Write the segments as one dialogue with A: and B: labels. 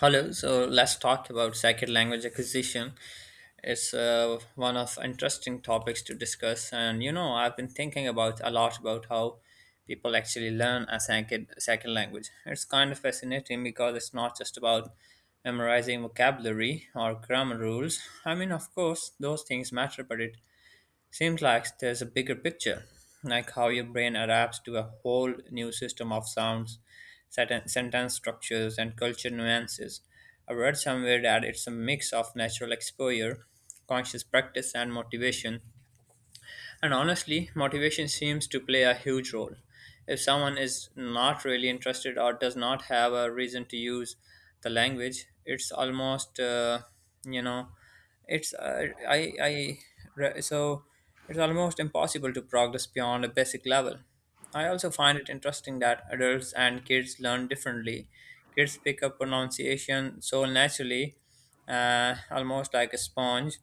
A: Hello. So let's talk about second language acquisition. It's one of interesting topics to discuss, and you know I've been thinking about a lot about how people actually learn a second language. It's kind of fascinating because it's not just about memorizing vocabulary or grammar rules. I mean, of course, those things matter, but it seems like there's a bigger picture, like how your brain adapts to a whole new system of sounds, sentence structures, and culture nuances. I read somewhere that it's a mix of natural exposure, conscious practice, and motivation, and honestly, motivation seems to play a huge role. If someone is not really interested or does not have a reason to use the language, it's almost, you know, it's I re- so it's almost impossible to progress beyond a basic level. I also find it interesting that adults and kids learn differently. Kids pick up pronunciation so naturally, almost like a sponge,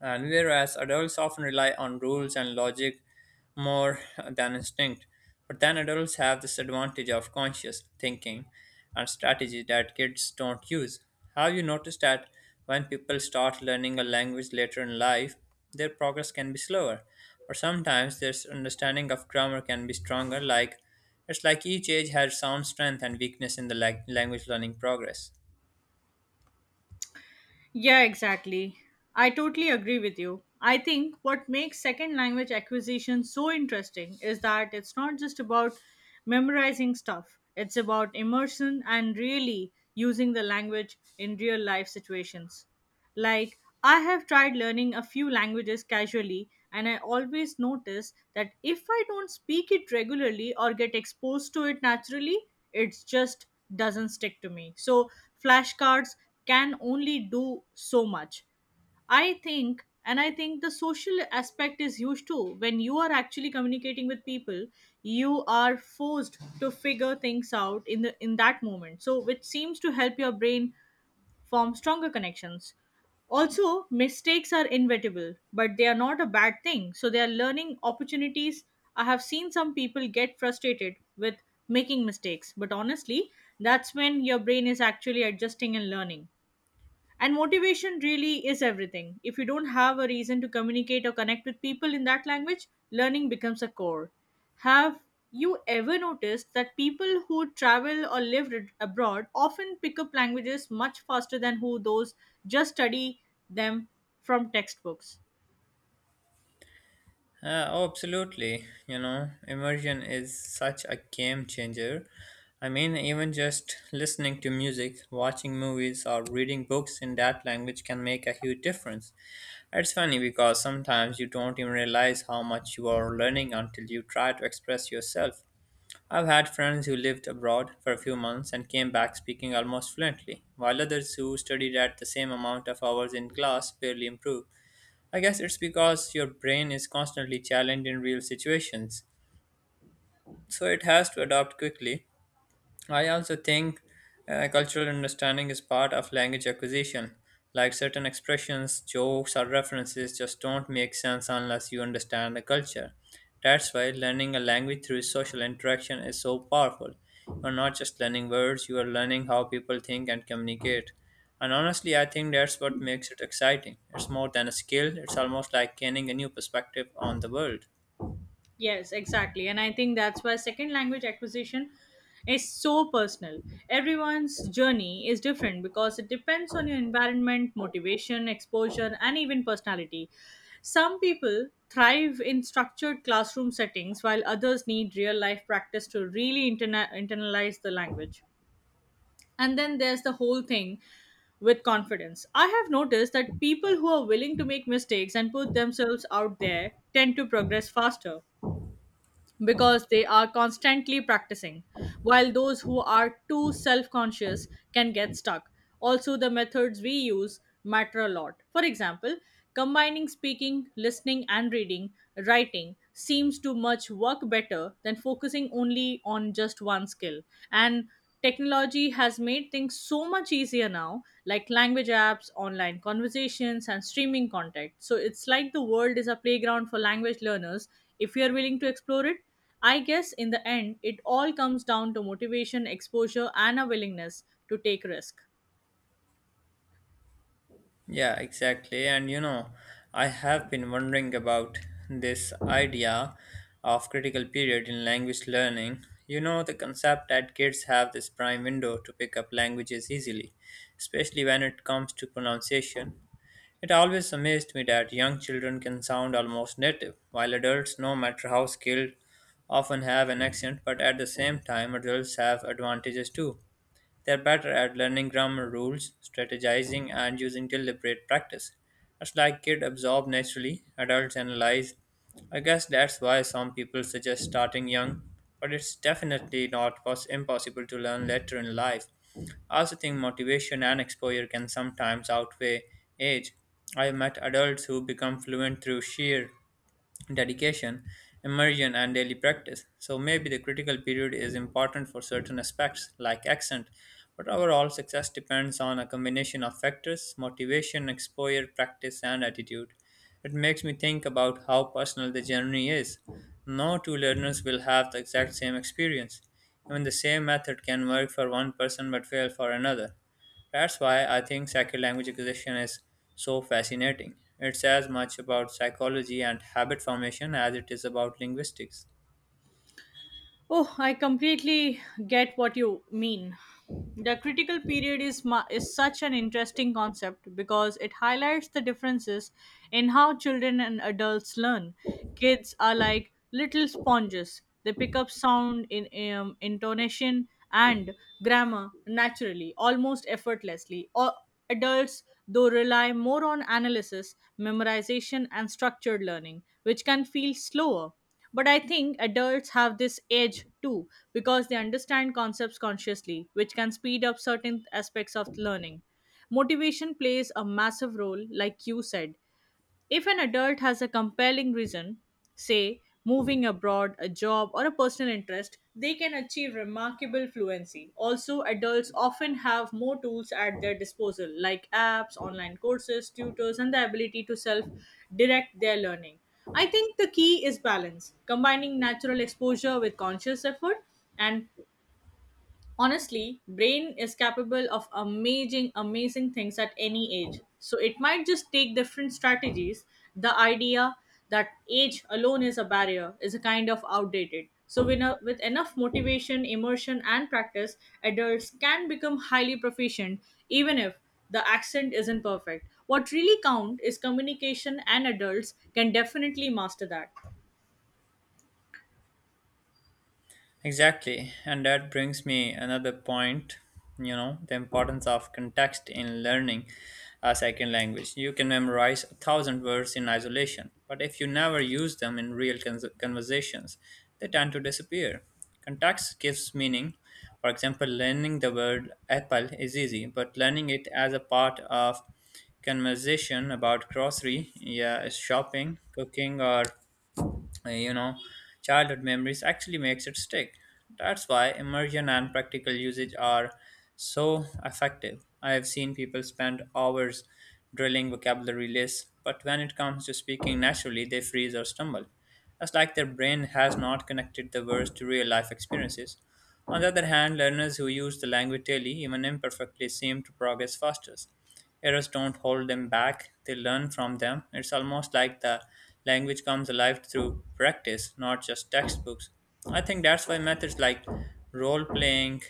A: and whereas adults often rely on rules and logic more than instinct, but then adults have this advantage of conscious thinking and strategy that kids don't use. Have you noticed that when people start learning a language later in life, their progress can be slower, or sometimes their understanding of grammar can be stronger? Like it's like each age has its own strength and weakness in the language learning progress.
B: Yeah, exactly. I totally agree with you. I think what makes second language acquisition so interesting is that it's not just about memorizing stuff, it's about immersion and really using the language in real life situations. Like, I have tried learning a few languages casually, and I always notice that if I don't speak it regularly or get exposed to it naturally, it just doesn't stick to me. So flashcards can only do so much. I think the social aspect is huge too. When you are actually communicating with people, you are forced to figure things out in that moment. So, which seems to help your brain form stronger connections. Also, mistakes are inevitable, but they are not a bad thing. So they are learning opportunities. I have seen some people get frustrated with making mistakes, but honestly, that's when your brain is actually adjusting and learning. And motivation really is everything. If you don't have a reason to communicate or connect with people in that language, learning becomes a core. Have you ever noticed that people who travel or live abroad often pick up languages much faster than who those just study them from textbooks?
A: Oh, absolutely. You know, immersion is such a game changer. I mean, even just listening to music, watching movies, or reading books in that language can make a huge difference. It's funny because sometimes you don't even realize how much you are learning until you try to express yourself. I've had friends who lived abroad for a few months and came back speaking almost fluently, while others who studied at the same amount of hours in class barely improved. I guess it's because your brain is constantly challenged in real situations, so it has to adapt quickly. I also think cultural understanding is part of language acquisition. Like certain expressions, jokes, or references just don't make sense unless you understand the culture. That's why learning a language through social interaction is so powerful. You're not just learning words, you are learning how people think and communicate. And honestly, I think that's what makes it exciting. It's more than a skill, it's almost like gaining a new perspective on the world.
B: Yes, exactly. And I think that's why second language acquisition is so personal. Everyone's journey is different because it depends on your environment, motivation, exposure, and even personality. Some people thrive in structured classroom settings while others need real life practice to really internalize the language. And then there's the whole thing with confidence. I have noticed that people who are willing to make mistakes and put themselves out there tend to progress faster because they are constantly practicing, while those who are too self conscious can get stuck. Also, the methods we use matter a lot. For example, combining speaking, listening, and reading, writing seems to much work better than focusing only on just one skill. And technology has made things so much easier now, like language apps, online conversations, and streaming content. So it's like the world is a playground for language learners if you're willing to explore it. I guess in the end, it all comes down to motivation, exposure, and a willingness to take risk.
A: Yeah, exactly. And you know, I have been wondering about this idea of critical period in language learning. You know, the concept that kids have this prime window to pick up languages easily, especially when it comes to pronunciation. It always amazed me that young children can sound almost native, while adults, no matter how skilled, often have an accent, but at the same time, adults have advantages too. They are better at learning grammar rules, strategizing, and using deliberate practice. It's like kids absorb naturally, adults analyze. I guess that's why some people suggest starting young, but it's definitely not pos- impossible to learn later in life. I also think motivation and exposure can sometimes outweigh age. I have met adults who become fluent through sheer dedication, immersion, and daily practice. So maybe the critical period is important for certain aspects like accent, but overall success depends on a combination of factors: motivation, exposure, practice, and attitude. It makes me think about how personal the journey is. No two learners will have the exact same experience. Even the same method can work for one person but fail for another. That's why I think second language acquisition is so fascinating. It's as much about psychology and habit formation as it is about linguistics.
B: Oh, I completely get what you mean. The critical period is, is such an interesting concept because it highlights the differences in how children and adults learn. Kids are like little sponges, they pick up sound, intonation, and grammar naturally, almost effortlessly. Or adults, though, rely more on analysis, memorization, and structured learning, which can feel slower. But I think adults have this edge too because they understand concepts consciously, which can speed up certain aspects of learning. Motivation plays a massive role, like you said, if an adult has a compelling reason, say moving abroad, a job, or a personal interest, they can achieve remarkable fluency. Also, adults often have more tools at their disposal, like apps, online courses, tutors, and the ability to self direct their learning. I think the key is balance, combining natural exposure with conscious effort, and honestly brain is capable of amazing things at any age, so it might just take different strategies. The idea that age alone is a barrier is a kind of outdated, so with enough motivation, immersion, and practice, adults can become highly proficient even if the accent isn't perfect. What really count is communication, and adults can definitely master that.
A: Exactly, and that brings me another point, you know, the importance of context in learning a second language. You can memorize a thousand words in isolation, but if you never use them in real conversations, they tend to disappear. Context gives meaning. For example, learning the word apple is easy, but learning it as a part of conversation about grocery, yeah, shopping, cooking, or uh, you know childhood memories actually makes it stick. That's why immersion and practical usage are so effective. I have seen people spend hours drilling vocabulary lists, but when it comes to speaking naturally they freeze or stumble. It's like their brain has not connected the words to real life experiences. On the other hand, learners who use the language daily, even imperfectly, seem to progress fastest. Errors don't hold them back, they learn from them. It's almost like the language comes alive through practice, not just textbooks. I think that's why methods like role playing,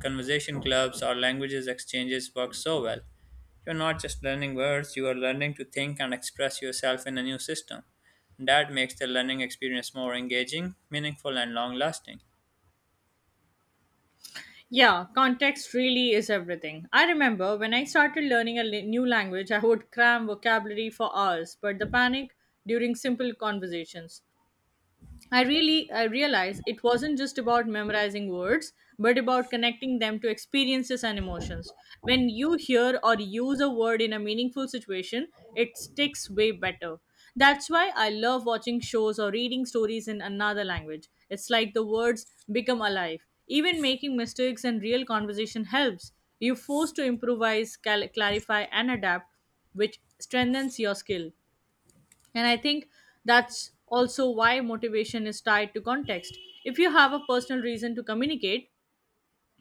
A: conversation clubs, or languages exchanges work so well. You're not just learning words, you are learning to think and express yourself in a new system. That makes the learning experience more engaging, meaningful, and long lasting.
B: Yeah, context really is everything. I remember when I started learning a new language, I would cram vocabulary for hours, but the panic during simple conversations. I realized it wasn't just about memorizing words, but about connecting them to experiences and emotions. When you hear or use a word in a meaningful situation, it sticks way better. That's why I love watching shows or reading stories in another language. It's like the words become alive. Even making mistakes and real conversation helps. You're forced to improvise, clarify, and adapt, which strengthens your skill. And I think that's also why motivation is tied to context. If you have a personal reason to communicate,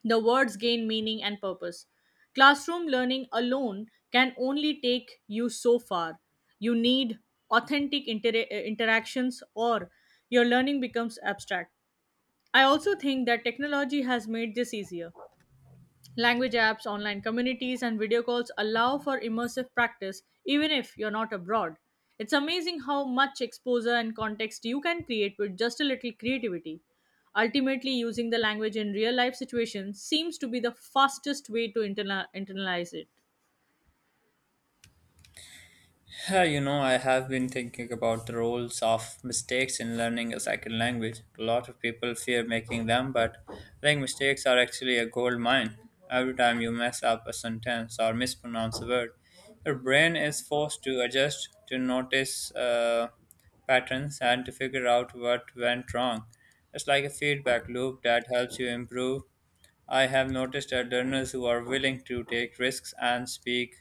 B: the words gain meaning and purpose. Classroom learning alone can only take you so far. You need authentic interactions, or your learning becomes abstract. I also think that technology has made this easier. Language apps, online communities, and video calls allow for immersive practice even if you're not abroad. It's amazing how much exposure and context you can create with just a little creativity. Ultimately, using the language in real life situations seems to be the fastest way to internalize it.
A: Yeah. You know, I have been thinking about the roles of mistakes in learning a second language. A lot of people fear making them, but I think mistakes are actually a gold mine. Every time you mess up a sentence or mispronounce a word, your brain is forced to adjust, to notice patterns, and to figure out what went wrong. It's like a feedback loop that helps you improve. I have noticed that learners who are willing to take risks and speak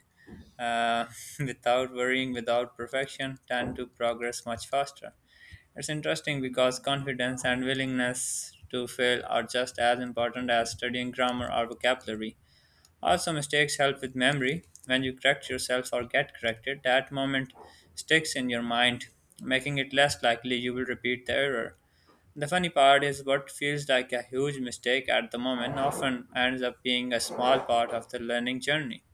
A: uh, without worrying, without perfection, tend to progress much faster. It's interesting because confidence and willingness to fail are just as important as studying grammar or vocabulary. Also, mistakes help with memory. When you correct yourself or get corrected, that moment sticks in your mind, making it less likely you will repeat the error. The funny part is what feels like a huge mistake at the moment often ends up being a small part of the learning journey.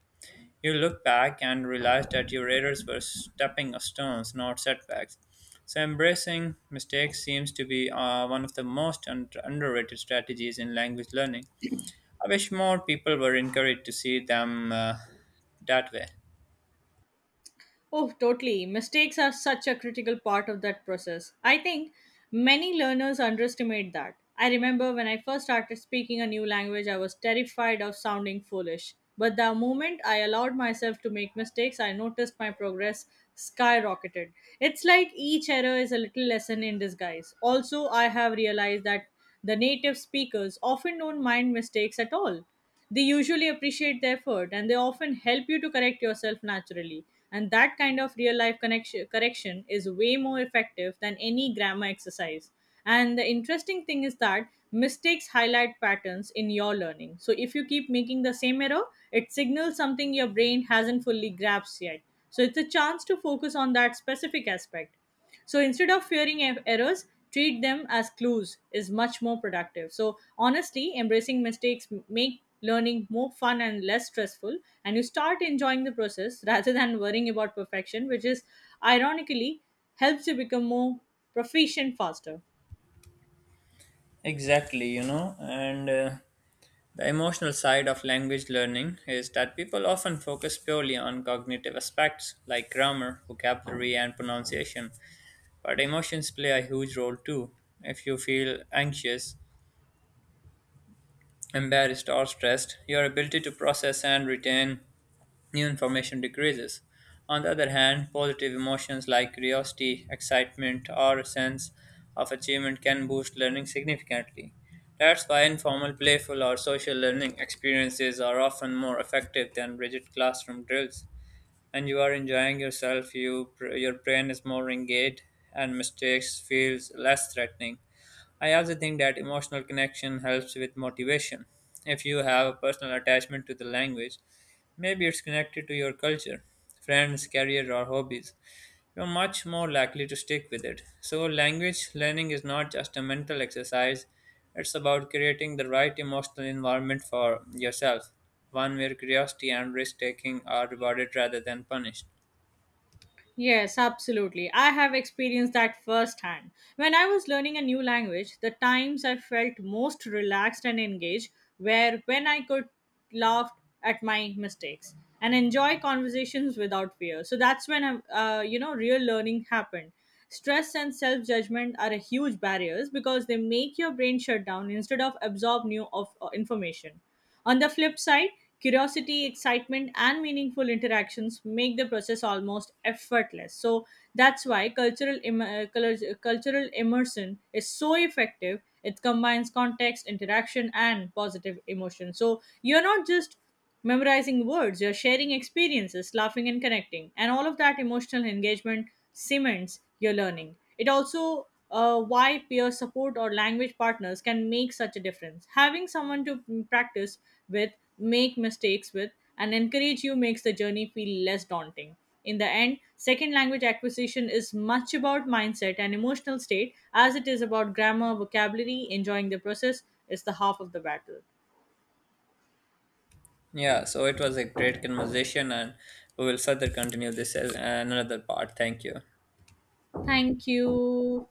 A: You look back and realize that your errors were stepping stones, not setbacks. So, embracing mistakes seems to be one of the most underrated strategies in language learning. I wish more people were encouraged to see them, that way.
B: Oh, totally. Mistakes are such a critical part of that process. I think many learners underestimate that. I remember when I first started speaking a new language, I was terrified of sounding foolish. But the moment I allowed myself to make mistakes, I noticed my progress skyrocketed. It's like each error is a little lesson in disguise. Also, I have realized that the native speakers often don't mind mistakes at all. They usually appreciate the effort and they often help you to correct yourself naturally. And that kind of real life connection, correction is way more effective than any grammar exercise. And the interesting thing is that mistakes highlight patterns in your learning. So if you keep making the same error, it signals something your brain hasn't fully grasped yet. So it's a chance to focus on that specific aspect. So instead of fearing errors, treat them as clues is much more productive. So honestly, embracing mistakes make learning more fun and less stressful, and you start enjoying the process rather than worrying about perfection, which is ironically helps you become more proficient faster.
A: Exactly, you know, and the emotional side of language learning is that people often focus purely on cognitive aspects like grammar, vocabulary, and pronunciation, but emotions play a huge role too. If you feel anxious, embarrassed or stressed, your ability to process and retain new information decreases. On the other hand, positive emotions like curiosity, excitement, or a sense of achievement can boost learning significantly. That's why informal, playful, or social learning experiences are often more effective than rigid classroom drills. And you are enjoying yourself, you, your brain is more engaged, and mistakes feels less threatening. I also think that emotional connection helps with motivation. If you have a personal attachment to the language, maybe it's connected to your culture, friends, career, or hobbies, you're much more likely to stick with it. So, language learning is not just a mental exercise, it's about creating the right emotional environment for yourself, one where curiosity and risk taking are rewarded rather than punished.
B: Yes, absolutely. I have experienced that firsthand. When I was learning a new language, the times I felt most relaxed and engaged were when I could laugh at my mistakes and enjoy conversations without fear. So that's when real learning happened. Stress and self judgment are a huge barriers because they make your brain shut down instead of absorb new of information. On the flip side, curiosity, excitement, and meaningful interactions make the process almost effortless. So that's why cultural immersion is so effective. It combines context, interaction, and positive emotion. So you're not just memorizing words, you're sharing experiences, laughing and connecting. And all of that emotional engagement cements your learning. It also why peer support or language partners can make such a difference. Having someone to practice with, make mistakes with, and encourage you makes the journey feel less daunting. In the end, second language acquisition is much about mindset and emotional state as it is about grammar, vocabulary, enjoying the process is the half of the battle.
A: Yeah, so it was a great conversation, and we will further continue this as another part. Thank you.
B: Thank you.